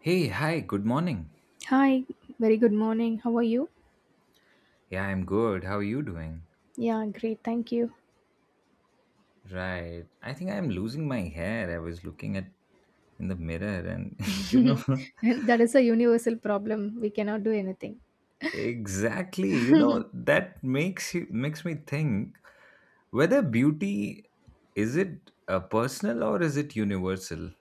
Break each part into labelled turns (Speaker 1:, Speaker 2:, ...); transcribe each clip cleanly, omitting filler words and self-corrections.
Speaker 1: Hey, hi, good morning.
Speaker 2: Hi, very good morning. How are you?
Speaker 1: Yeah, I'm good. How are you doing?
Speaker 2: Yeah, great. Thank you.
Speaker 1: Right. I think I'm losing my hair. I was looking at in the mirror and you know
Speaker 2: That is a universal problem. We cannot do anything.
Speaker 1: exactly, that makes me think whether beauty is it personal or is it universal?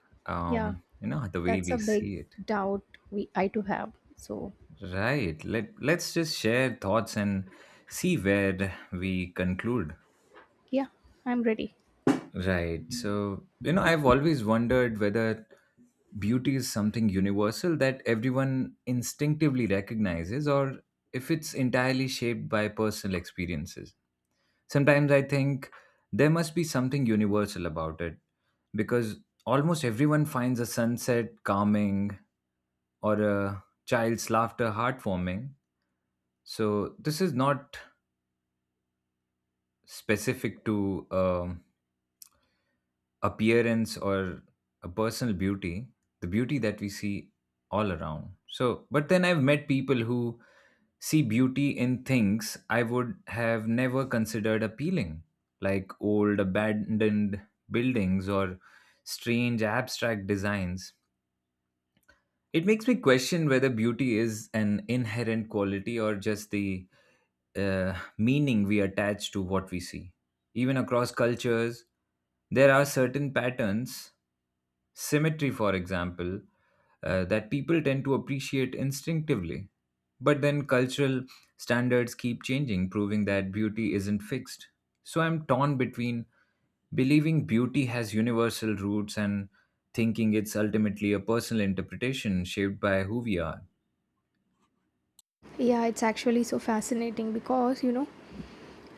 Speaker 2: Yeah,
Speaker 1: The way
Speaker 2: that's a
Speaker 1: we
Speaker 2: big
Speaker 1: see it.
Speaker 2: doubt we I too have. So,
Speaker 1: Right. Let's just share thoughts and see where we conclude.
Speaker 2: yeah, I'm ready.
Speaker 1: Right. So, I've always wondered whether beauty is something universal that everyone instinctively recognizes or if it's entirely shaped by personal experiences. Sometimes I think there must be something universal about it because almost everyone finds a sunset calming or a child's laughter heartwarming. So, this is not specific to appearance or a personal beauty, the beauty that we see all around. So, but then I've met people who see beauty in things I would have never considered appealing, like old abandoned buildings or strange abstract designs. It makes me question whether beauty is an inherent quality or just the meaning we attach to what we see. Even across cultures, there are certain patterns. Symmetry, for example, that people tend to appreciate instinctively. But then cultural standards keep changing, proving that beauty isn't fixed. So I'm torn between believing beauty has universal roots and thinking it's ultimately a personal interpretation shaped by who we are.
Speaker 2: Yeah, it's actually so fascinating because, you know,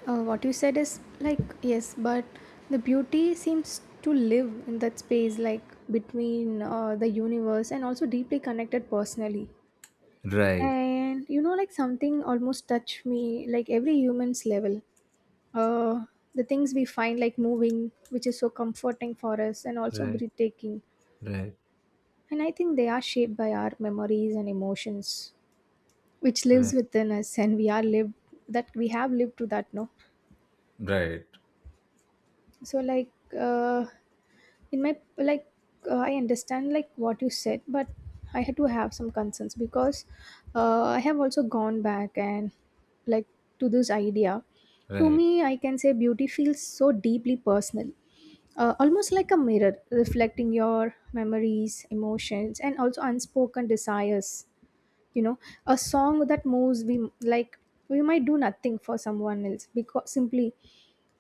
Speaker 2: what you said is like yes, but the beauty seems to live in that space, like between the universe and also deeply connected personally.
Speaker 1: Right,
Speaker 2: And you know, like something almost touched me, like every human's level. Uh, the things we find like moving, which is so comforting for us and also
Speaker 1: right,
Speaker 2: breathtaking.
Speaker 1: right,
Speaker 2: And I think they are shaped by our memories and emotions, which lives
Speaker 1: right,
Speaker 2: within us and we are lived that we have lived through that, no?
Speaker 1: right,
Speaker 2: So like uh in my like I understand like what you said, but I had to have some concerns because I have also gone back and like to this idea. To
Speaker 1: right.
Speaker 2: me, I can say beauty feels so deeply personal, almost like a mirror reflecting your memories, emotions, and also unspoken desires, you know, a song that moves we like, we might do nothing for someone else because simply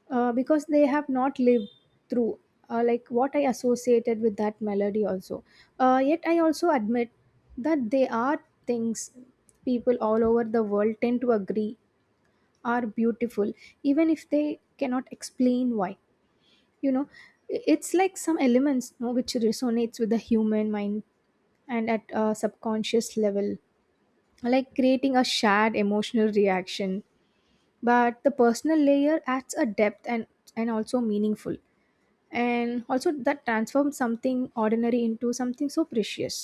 Speaker 2: because they have not lived through like what I associated with that melody also. Uh, yet I also admit that they are things people all over the world tend to agree are beautiful, even if they cannot explain why, you know. It's like some elements, no, which resonates with the human mind and at a subconscious level, like creating a shared emotional reaction. But the personal layer adds a depth and also meaningful and also that transforms something ordinary into something so precious,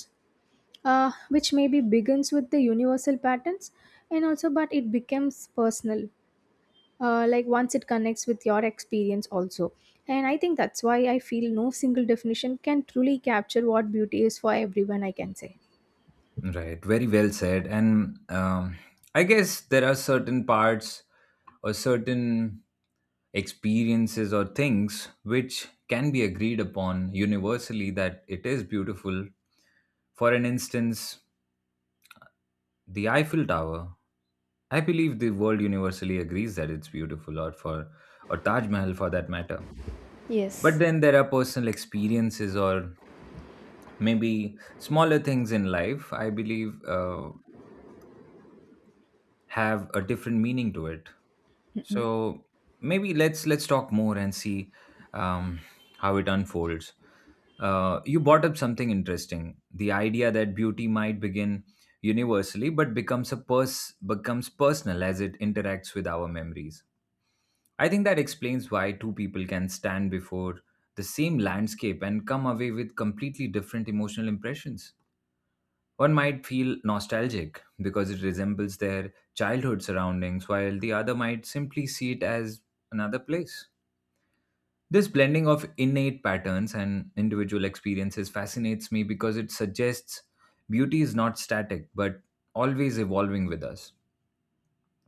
Speaker 2: which maybe begins with the universal patterns and also but it becomes personal, like once it connects with your experience also. And I think that's why I feel no single definition can truly capture what beauty is for everyone, I can say.
Speaker 1: Right, very well said. And I guess there are certain parts or certain experiences or things which can be agreed upon universally that it is beautiful. For an instance, the Eiffel Tower. I believe the world universally agrees that it's beautiful, or for or Taj Mahal for that matter. But
Speaker 2: Yes.
Speaker 1: then there are personal experiences or maybe smaller things in life, I believe, have a different meaning to it.
Speaker 2: Mm-mm.
Speaker 1: So maybe let's talk more and see um, how it unfolds. You brought up something interesting: the idea that beauty might begin universally, but becomes personal as it interacts with our memories. I think that explains why two people can stand before the same landscape and come away with completely different emotional impressions. One might feel nostalgic because it resembles their childhood surroundings, while the other might simply see it as another place. This blending of innate patterns and individual experiences fascinates me because it suggests beauty is not static but always evolving with us.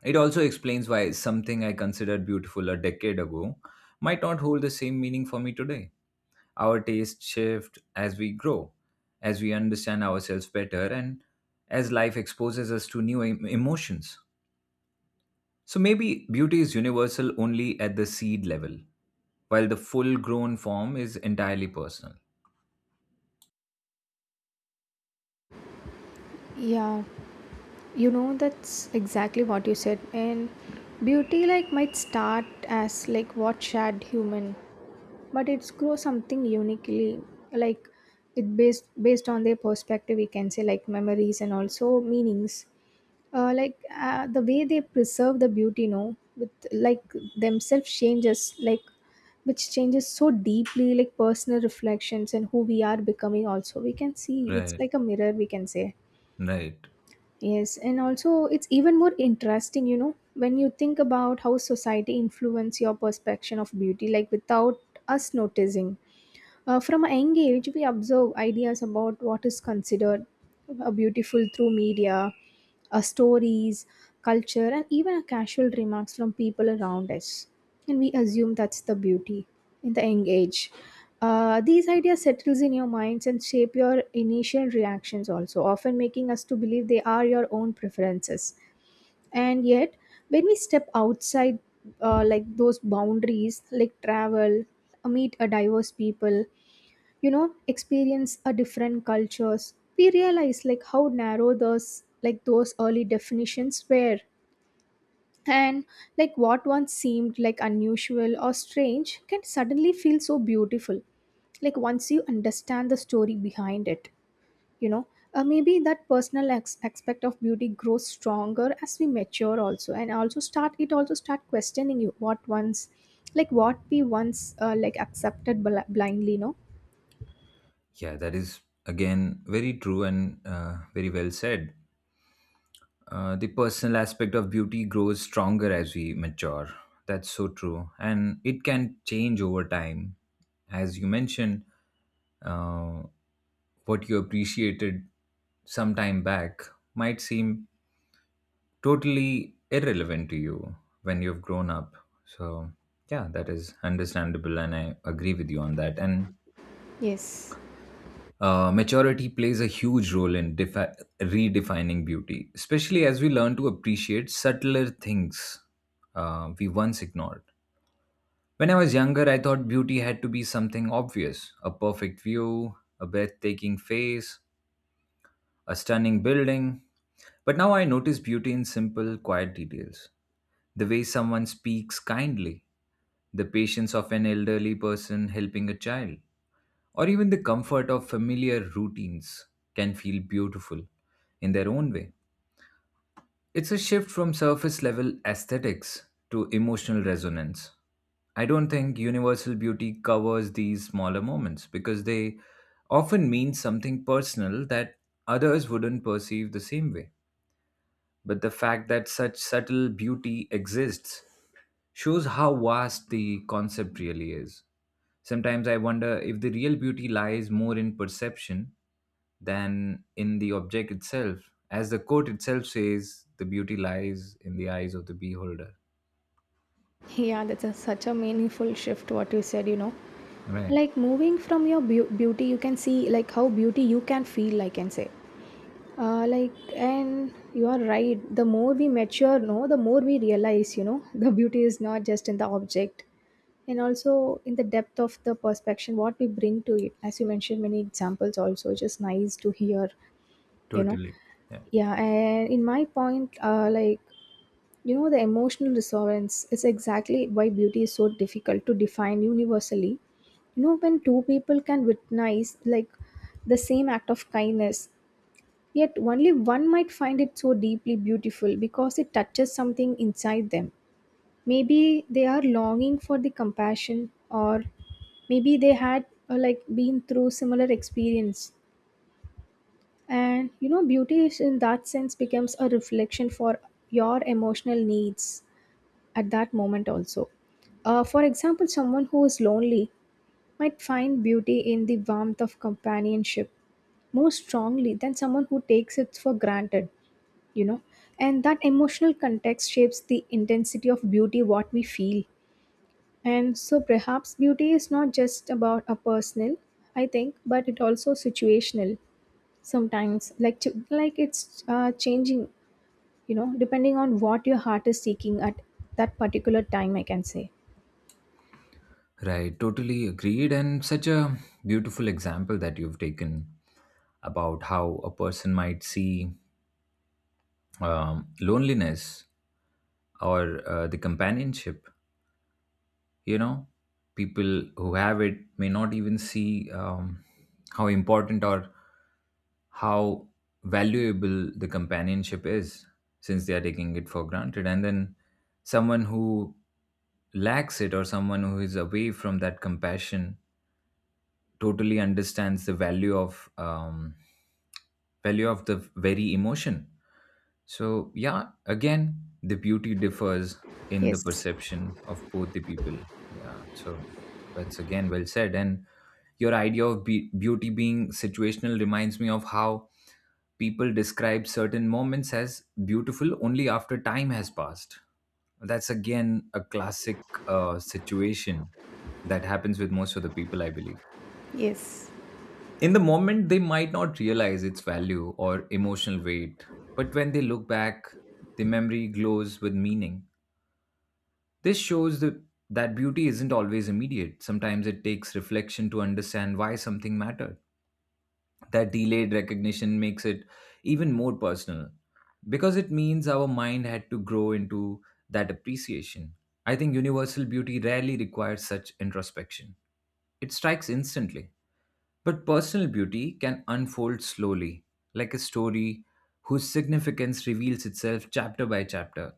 Speaker 1: It also explains why something I considered beautiful a decade ago might not hold the same meaning for me today. Our tastes shift as we grow, as we understand ourselves better, and as life exposes us to emotions. So maybe beauty is universal only at the seed level, while the full grown form is entirely personal.
Speaker 2: Yeah, you know, that's exactly what you said. And beauty, like, might start as like what shared human, but it's grow something uniquely, like it based on their perspective, we can say, like memories and also meanings, like the way they preserve the beauty, no, with like themselves changes, like which changes so deeply, like personal reflections and who we are becoming also. We can see it's
Speaker 1: Right,
Speaker 2: like a mirror, we can say.
Speaker 1: right.
Speaker 2: Yes, and also it's even more interesting, you know, when you think about how society influence your perception of beauty like without us noticing. Uh, from a young age, we observe ideas about what is considered beautiful through media, stories, culture, and even casual remarks from people around us. And we assume that's the beauty in the young age. These ideas settles in your minds and shape your initial reactions also, often making us to believe they are your own preferences. And yet, when we step outside like those boundaries, like travel, meet a diverse people, you know, experience a different cultures, we realize like how narrow those like those early definitions were. And like what once seemed like unusual or strange can suddenly feel so beautiful, like once you understand the story behind it, you know. Uh, maybe that personal aspect of beauty grows stronger as we mature also, and also start questioning you what once, like what we once like accepted blindly, no.
Speaker 1: Yeah, that is again very true and very well said. The personal aspect of beauty grows stronger as we mature. That's so true. And it can change over time. As you mentioned, uh, what you appreciated some time back might seem totally irrelevant to you when you've grown up. So, yeah, that is understandable, and I agree with you on that. And
Speaker 2: Yes.
Speaker 1: maturity plays a huge role in redefining beauty, especially as we learn to appreciate subtler things we once ignored. When I was younger, I thought beauty had to be something obvious: a perfect view, a breathtaking face, a stunning building. But now I notice beauty in simple, quiet details. The way someone speaks kindly, the patience of an elderly person helping a child, or even the comfort of familiar routines can feel beautiful in their own way. It's a shift from surface level aesthetics to emotional resonance. I don't think universal beauty covers these smaller moments because they often mean something personal that others wouldn't perceive the same way. But the fact that such subtle beauty exists shows how vast the concept really is. Sometimes I wonder if the real beauty lies more in perception than in the object itself. As the quote itself says, the beauty lies in the eyes of the beholder.
Speaker 2: Yeah, that's a, such a meaningful shift what you said, you know.
Speaker 1: Right,
Speaker 2: Like moving from your beauty, you can see like how beauty you can feel, I can say. Like, and you are right. The more we mature, no, the more we realize, you know, the beauty is not just in the object, and also in the depth of the perception what we bring to it. As you mentioned, many examples also, which is nice to hear, you know.
Speaker 1: totally. Yeah.
Speaker 2: Yeah, and in my point, like, you know, the emotional resonance is exactly why beauty is so difficult to define universally. You know, when two people can witness like the same act of kindness, yet only one might find it so deeply beautiful because it touches something inside them. Maybe they are longing for the compassion, or maybe they had like been through similar experience. And you know, beauty is in that sense becomes a reflection for your emotional needs at that moment also. For example, someone who is lonely might find beauty in the warmth of companionship more strongly than someone who takes it for granted, you know. And that emotional context shapes the intensity of beauty, what we feel. And so perhaps beauty is not just about a personal, I think, but it also situational sometimes, like it's changing, you know, depending on what your heart is seeking at that particular time, I can say.
Speaker 1: Right, totally agreed. And such a beautiful example that you've taken about how a person might see loneliness or the companionship, you know people who have it may not even see how important or how valuable the companionship is since they are taking it for granted, and then someone who lacks it or someone who is away from that compassion totally understands the value of the very emotion. So yeah, again the beauty differs in the
Speaker 2: Yes.
Speaker 1: perception of both the people. Yeah, so that's again well said. And your beauty being situational reminds me of how people describe certain moments as beautiful only after time has passed. That's again a classic situation that happens with most of the people, I believe.
Speaker 2: Yes.
Speaker 1: In the moment, they might not realize its value or emotional weight, but when they look back, the memory glows with meaning. This shows the, that beauty isn't always immediate. Sometimes it takes reflection to understand why something mattered. That delayed recognition makes it even more personal because it means our mind had to grow into that appreciation. I think universal beauty rarely requires such introspection, it strikes instantly. But personal beauty can unfold slowly, like a story whose significance reveals itself chapter by chapter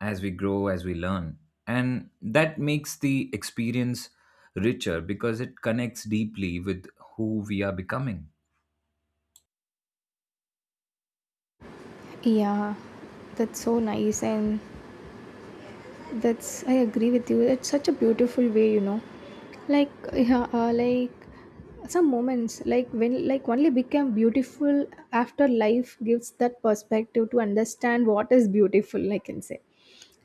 Speaker 1: as we grow, as we learn. And that makes the experience richer because it connects deeply with who we are becoming.
Speaker 2: Yeah. That's so nice, and that's, I agree with you. It's such a beautiful way, you know. Like yeah, like some moments like only become beautiful after life gives that perspective to understand what is beautiful, I can say.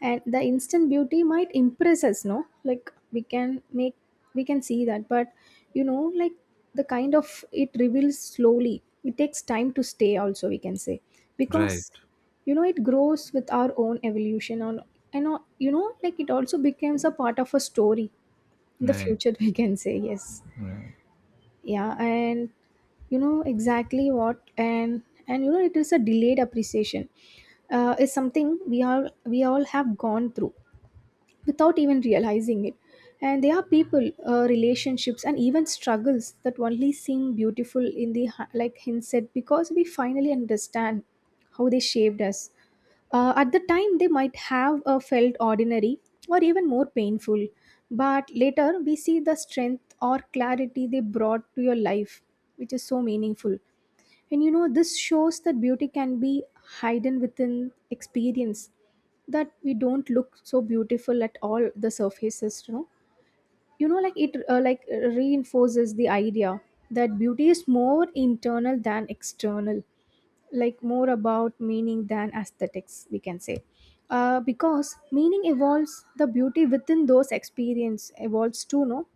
Speaker 2: And the instant beauty might impress us, no, we can see that, but you know, like the kind of it reveals slowly, it takes time to stay also, we can say. Because
Speaker 1: Right,
Speaker 2: you know, it grows with our own evolution on, and you know, like it also becomes a part of a story in the
Speaker 1: right,
Speaker 2: future, we can say. Yes,
Speaker 1: right.
Speaker 2: yeah. And you know, exactly what, and you know, it is a delayed appreciation, is something we all have gone through without even realizing it. And there are people, relationships, and even struggles that only seem beautiful in the like hindsight because we finally understand how they shaped us. At the time, they might have felt ordinary or even more painful, but later we see the strength or clarity they brought to your life, which is so meaningful. And you know, this shows that beauty can be hidden within experience, that we don't look so beautiful at all the surfaces, you know. You know, like reinforces the idea that beauty is more internal than external, like more about meaning than aesthetics, we can say. Because meaning evolves, the beauty within those experience evolves too, no?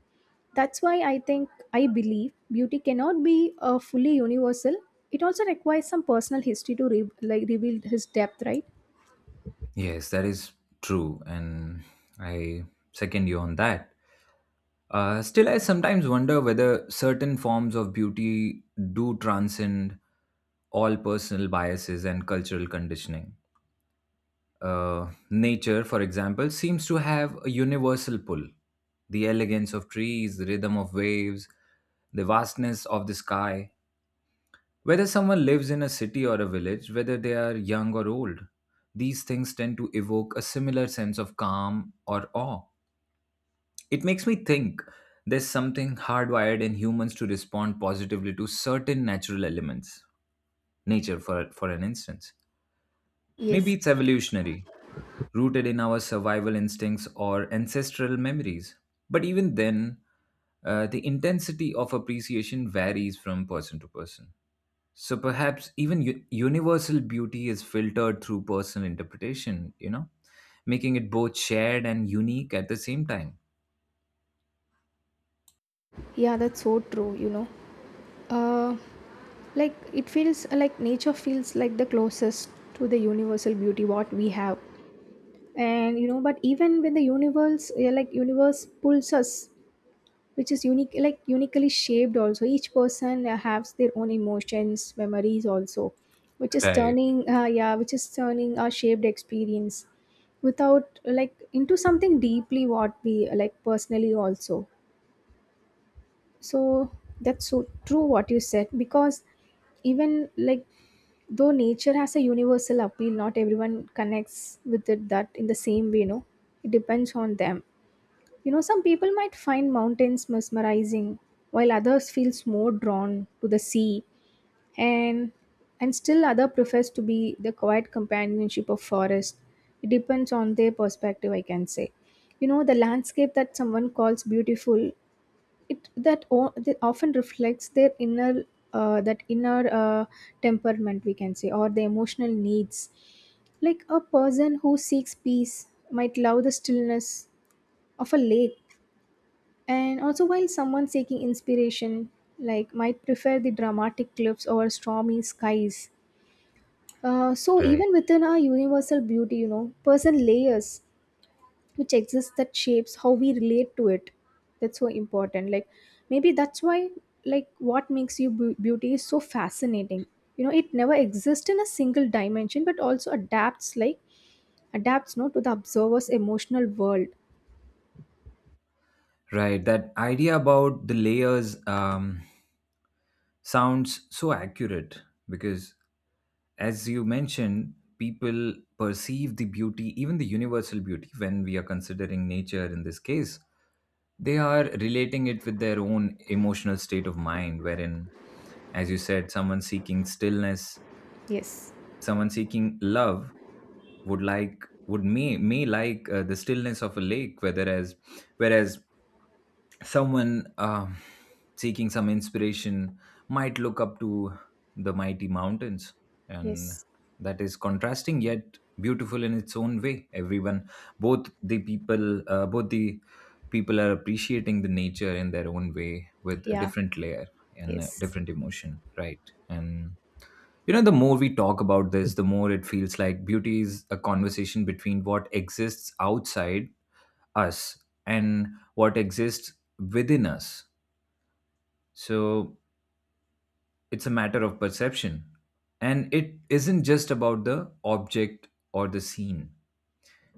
Speaker 2: That's why I think I believe beauty cannot be fully universal. It also requires some personal history to like reveal his depth, right?
Speaker 1: Yes, that is true. And I second you on that. Still, I sometimes wonder whether certain forms of beauty do transcend all personal biases and cultural conditioning. Nature, for example, seems to have a universal pull. The elegance of trees, the rhythm of waves, the vastness of the sky. Whether someone lives in a city or a village, whether they are young or old, these things tend to evoke a similar sense of calm or awe. It makes me think there's something hardwired in humans to respond positively to certain natural elements, nature for an instance.
Speaker 2: Yes.
Speaker 1: Maybe it's evolutionary, rooted in our survival instincts or ancestral memories. But even then, the intensity of appreciation varies from person to person. So perhaps even universal beauty is filtered through personal interpretation, making it both shared and unique at the same time.
Speaker 2: Yeah, that's so true, you know. Uh, like it feels like nature feels like the closest to the universal beauty what we have. And you know, but even when like universe pulls us, which is unique, like uniquely shaped also, each person has their own emotions, memories also, which is
Speaker 1: Right,
Speaker 2: turning yeah which is turning our shaped experience without like into something deeply what we like personally also. So that's so true what you said, because even like though nature has a universal appeal, not everyone connects with it that in the same way, no, it depends on them, you know. Some people might find mountains mesmerizing, while others feels more drawn to the sea, and still other prefers to be the quiet companionship of forest. It depends on their perspective, I can say. You know, the landscape that someone calls beautiful, that often reflects their inner that inner temperament, we can say, or the emotional needs. Like a person who seeks peace might love the stillness of a lake and also, while someone seeking inspiration, like might prefer the dramatic cliffs over stormy skies. So
Speaker 1: right.
Speaker 2: even within our universal beauty, you know, person layers which exist that shapes how we relate to it. That's so important. Like maybe that's why, like, what makes you beauty is so fascinating. You know, it never exists in a single dimension, but also adapts, no, to the observer's emotional world.
Speaker 1: Right, that idea about the layers sounds so accurate because, as you mentioned, people perceive the beauty, even the universal beauty, when we are considering nature in this case, they are relating it with their own emotional state of mind, wherein, as you said, someone seeking stillness,
Speaker 2: Yes.
Speaker 1: someone seeking love would like would may like the stillness of a lake whether as whereas someone seeking some inspiration might look up to the mighty mountains, and
Speaker 2: Yes.
Speaker 1: that is contrasting yet beautiful in its own way. Everyone, both the people are appreciating the nature in their own way with a
Speaker 2: Yeah.
Speaker 1: different layer and a
Speaker 2: Yes.
Speaker 1: different emotion, right? And the more we talk about this, the more it feels like beauty is a conversation between what exists outside us and what exists within us. So it's a matter of perception. And it isn't just about the object or the scene,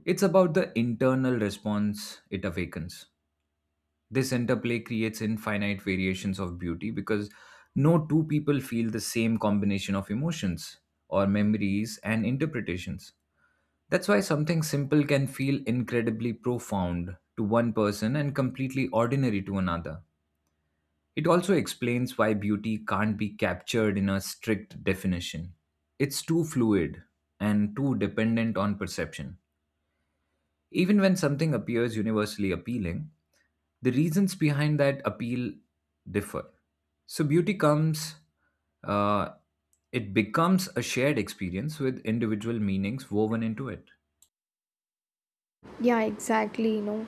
Speaker 1: it's about the internal response it awakens. This interplay creates infinite variations of beauty because no two people feel the same combination of emotions or memories and interpretations. That's why something simple can feel incredibly profound to one person and completely ordinary to another. It also explains why beauty can't be captured in a strict definition. It's too fluid and too dependent on perception. Even when something appears universally appealing, the reasons behind that appeal differ. So, uh, it becomes a shared experience with individual meanings woven into it.
Speaker 2: Yeah, exactly.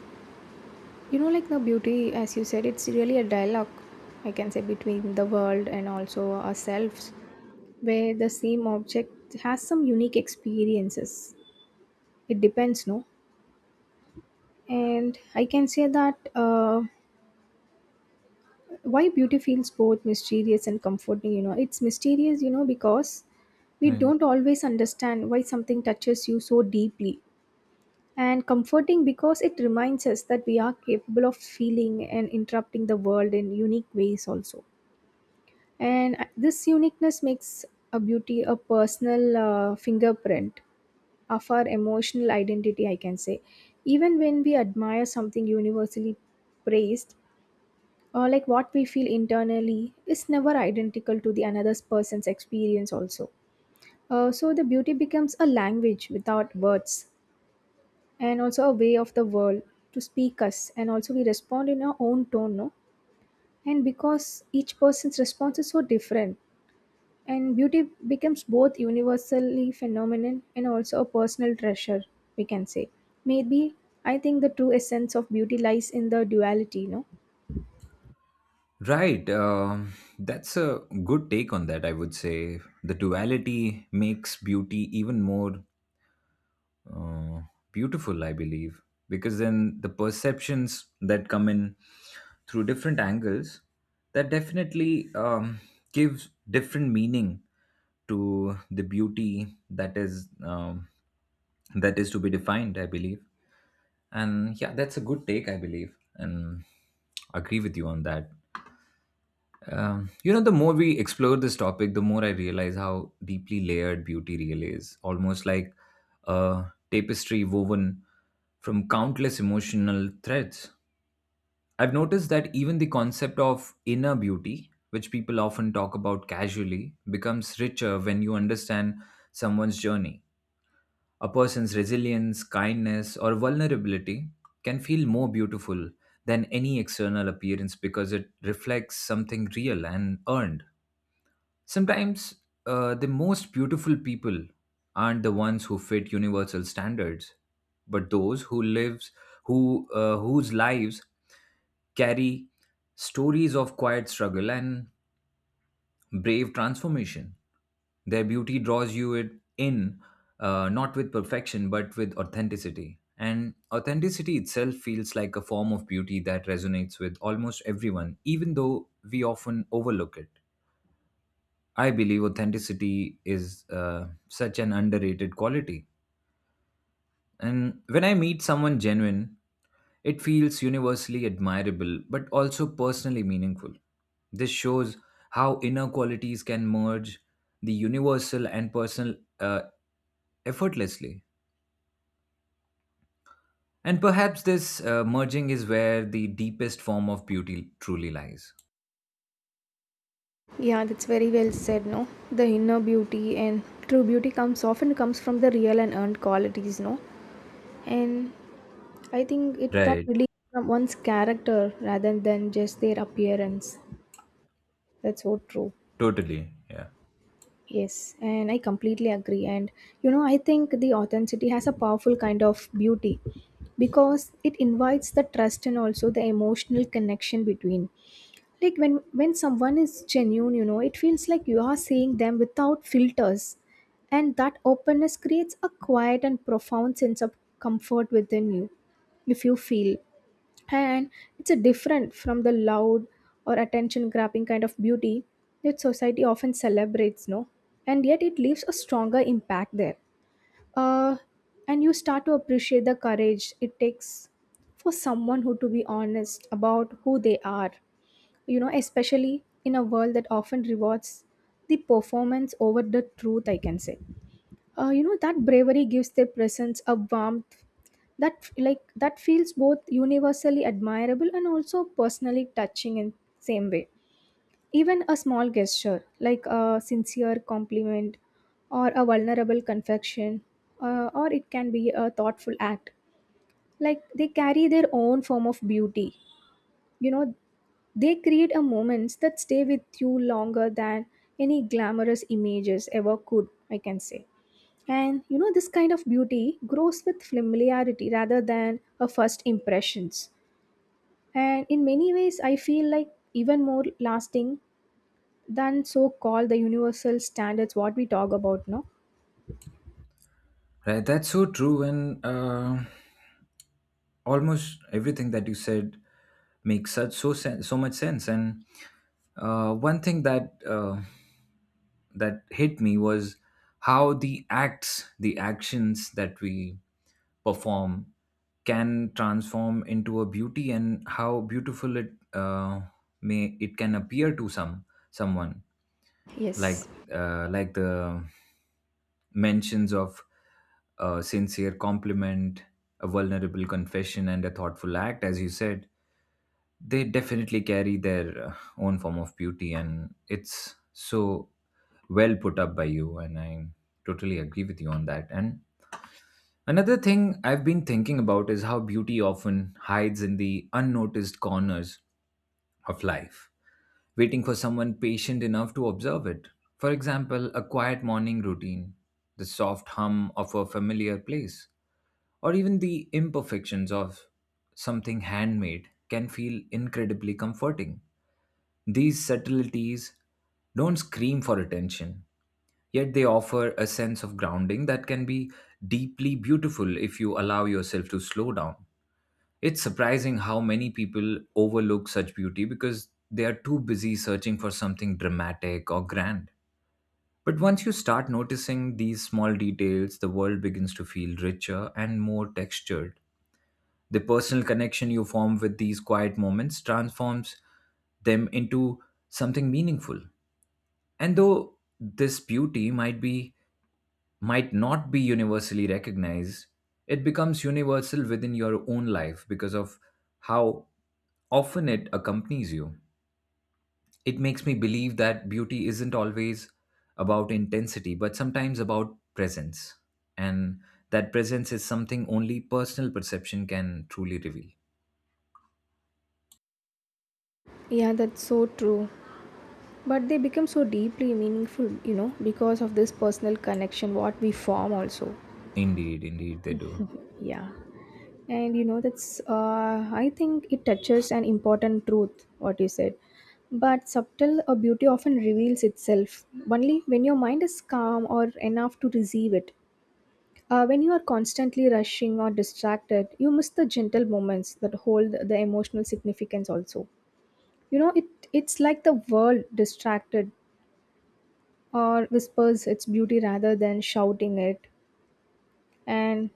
Speaker 2: You know, like the beauty, as you said, it's really a dialogue, I can say, between the world and also ourselves, where the same object has some unique experiences. It depends, no? And I can say that why beauty feels both mysterious and comforting, you know. It's mysterious, you know, because we
Speaker 1: Right.
Speaker 2: don't always understand why something touches you so deeply, and comforting because it reminds us that we are capable of feeling and interrupting the world in unique ways also. And this uniqueness makes a beauty a personal fingerprint of our emotional identity, I can say. Even when we admire something universally praised, or like what we feel internally is never identical to the another person's experience also. So the beauty becomes a language without words, and also a way of the world to speak us, and also we respond in our own tone, no? And because each person's response is so different, and beauty becomes both universally phenomenon and also a personal treasure, we can say. Maybe I think the true essence of beauty lies in the duality, no?
Speaker 1: Right. That's a good take on that, I would say. The duality makes beauty even more uh, beautiful, I believe, because then the perceptions that come in through different angles, that definitely gives different meaning to the beauty that is to be defined, I believe. And yeah, that's a good take, I believe, and agree with you on that. You know, the more we explore this topic, the more I realize how deeply layered beauty really is. Almost like a tapestry woven from countless emotional threads. I've noticed that even the concept of inner beauty, which people often talk about casually, becomes richer when you understand someone's journey. A person's resilience, kindness, or vulnerability can feel more beautiful than any external appearance because it reflects something real and earned. Sometimes the most beautiful people aren't the ones who fit universal standards, but those whose lives carry stories of quiet struggle and brave transformation. Their beauty draws you it in, not with perfection, but with authenticity. And authenticity itself feels like a form of beauty that resonates with almost everyone, even though we often overlook it. I believe authenticity is such an underrated quality. And when I meet someone genuine, it feels universally admirable but also personally meaningful. This shows how inner qualities can merge the universal and personal effortlessly. And perhaps this merging is where the deepest form of beauty truly lies.
Speaker 2: Yeah, that's very well said, no? The inner beauty and true beauty comes, often comes from the real and earned qualities, no? And I think it that
Speaker 1: Right,
Speaker 2: really from one's character rather than just their appearance. That's so true.
Speaker 1: totally. Yeah.
Speaker 2: Yes, and I completely agree. And you know, I think the authenticity has a powerful kind of beauty because it invites the trust and also the emotional connection between. Like when someone is genuine, you know, it feels like you are seeing them without filters, and that openness creates a quiet and profound sense of comfort within you if you feel. And it's a different from the loud or attention grabbing kind of beauty that society often celebrates, no? And yet it leaves a stronger impact there. uh, and you start to appreciate the courage it takes for someone who to be honest about who they are, you know, especially in a world that often rewards the performance over the truth, I can say. You know that bravery gives their presence a warmth that, like that feels both universally admirable and also personally touching in same way. Even a small gesture like a sincere compliment or a vulnerable confession, or it can be a thoughtful act, like they carry their own form of beauty, you know. They create a moments that stay with you longer than any glamorous images ever could, I can say. And you know, this kind of beauty grows with familiarity rather than a first impressions. And in many ways, I feel like even more lasting than so called the universal standards what we talk about, no?
Speaker 1: Right, that's so true. And almost everything that you said makes so much sense, and one thing that that hit me was how the actions that we perform can transform into a beauty, and how beautiful it may it can appear to someone,
Speaker 2: Yes.
Speaker 1: like the mentions of a sincere compliment, a vulnerable confession, and a thoughtful act, as you said. They definitely carry their own form of beauty, and it's so well put up by you, and I totally agree with you on that. And another thing I've been thinking about is how beauty often hides in the unnoticed corners of life, waiting for someone patient enough to observe it. For example, a quiet morning routine, the soft hum of a familiar place, or even the imperfections of something handmade can feel incredibly comforting. These subtleties don't scream for attention, yet they offer a sense of grounding that can be deeply beautiful if you allow yourself to slow down. It's surprising how many people overlook such beauty because they are too busy searching for something dramatic or grand. But once you start noticing these small details, the world begins to feel richer and more textured. The personal connection you form with these quiet moments transforms them into something meaningful. And though this beauty might not be universally recognized, it becomes universal within your own life because of how often it accompanies you. It makes me believe that beauty isn't always about intensity, but sometimes about presence. And that presence is something only personal perception can truly reveal.
Speaker 2: Yeah, that's so true. But they become so deeply meaningful, you know, because of this personal connection what we form also.
Speaker 1: Indeed, indeed, they do.
Speaker 2: Yeah. And you know that's I think it touches an important truth what you said, but subtle beauty often reveals itself only when your mind is calm or enough to receive it. When you are constantly rushing or distracted, you miss the gentle moments that hold the emotional significance also, you know. It's like the world distracted or whispers its beauty rather than shouting it. And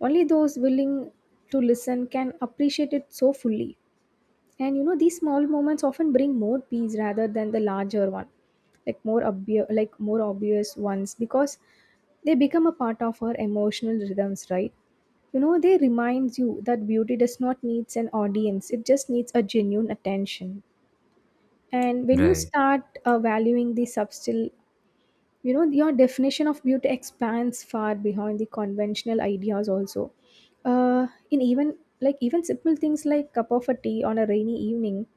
Speaker 2: only those willing to listen can appreciate it so fully. And you know, these small moments often bring more peace rather than the larger one, like more obvious ones, because they become a part of our emotional rhythms, right? You know, they remind you that beauty does not needs an audience; it just needs a genuine attention. And when you
Speaker 1: Right,
Speaker 2: start valuing the subtle, you know, your definition of beauty expands far beyond the conventional ideas also. In even like even simple things like cup of a tea on a rainy evening,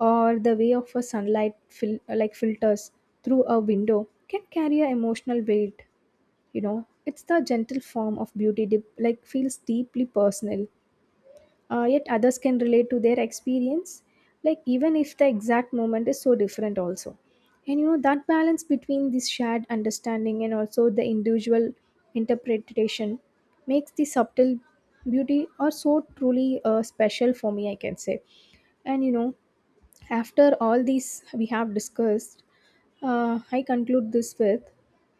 Speaker 2: or the way of a sunlight like filters through a window can carry an emotional weight, you know. It's the gentle form of beauty like feels deeply personal. Yet others can relate to their experience, like even if the exact moment is so different also. And you know that balance between this shared understanding and also the individual interpretation makes the subtle beauty or so truly special for me, I can say. And you know, after all these we have discussed, I conclude this with,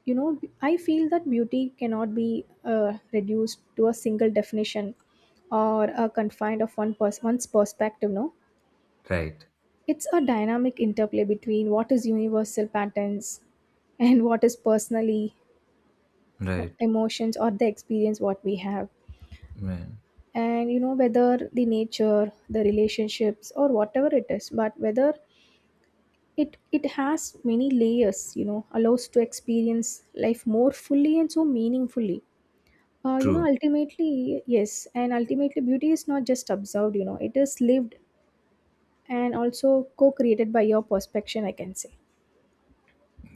Speaker 2: you know, I feel that beauty cannot be reduced to a single definition or a confined of one's perspective. No,
Speaker 1: right,
Speaker 2: it's a dynamic interplay between what is universal patterns and what is personally
Speaker 1: right,
Speaker 2: emotions or the experience what we have.
Speaker 1: right.
Speaker 2: And you know whether the nature, the relationships, or whatever it is, but whether it has many layers, you know, allows to experience life more fully and so meaningfully. You know,
Speaker 1: True.
Speaker 2: ultimately, yes, and ultimately beauty is not just observed, you know, it is lived and also co-created by your perspective, I can say.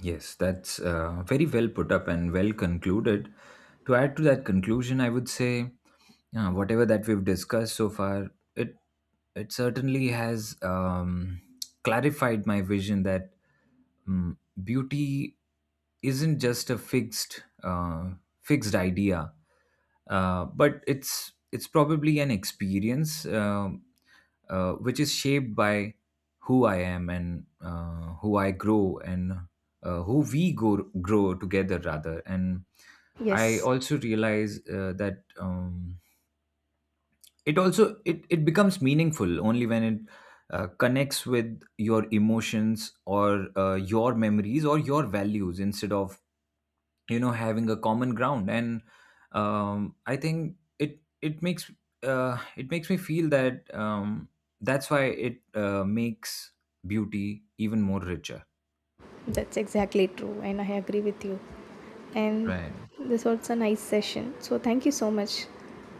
Speaker 1: Yes, that's very well put up and well concluded. To add to that conclusion, I would say whatever that we've discussed so far, it certainly has clarified my vision that beauty isn't just a fixed fixed idea, but it's probably an experience which is shaped by who I am, and who I grow, and who we grow together rather. And I
Speaker 2: Yes,
Speaker 1: also realize that it also it becomes meaningful only when it connects with your emotions, or your memories, or your values, instead of, you know, having a common ground. And I think it makes, it makes me feel that that's why it makes beauty even more richer.
Speaker 2: that's exactly true and I agree with you. And
Speaker 1: Right.
Speaker 2: this was a nice session, so thank you so much.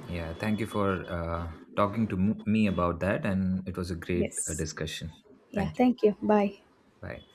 Speaker 1: Yeah, thank you for talking to me about that, and it was a great
Speaker 2: Yes.
Speaker 1: discussion.
Speaker 2: Yeah,
Speaker 1: Thank you.
Speaker 2: thank you. Bye.
Speaker 1: Bye.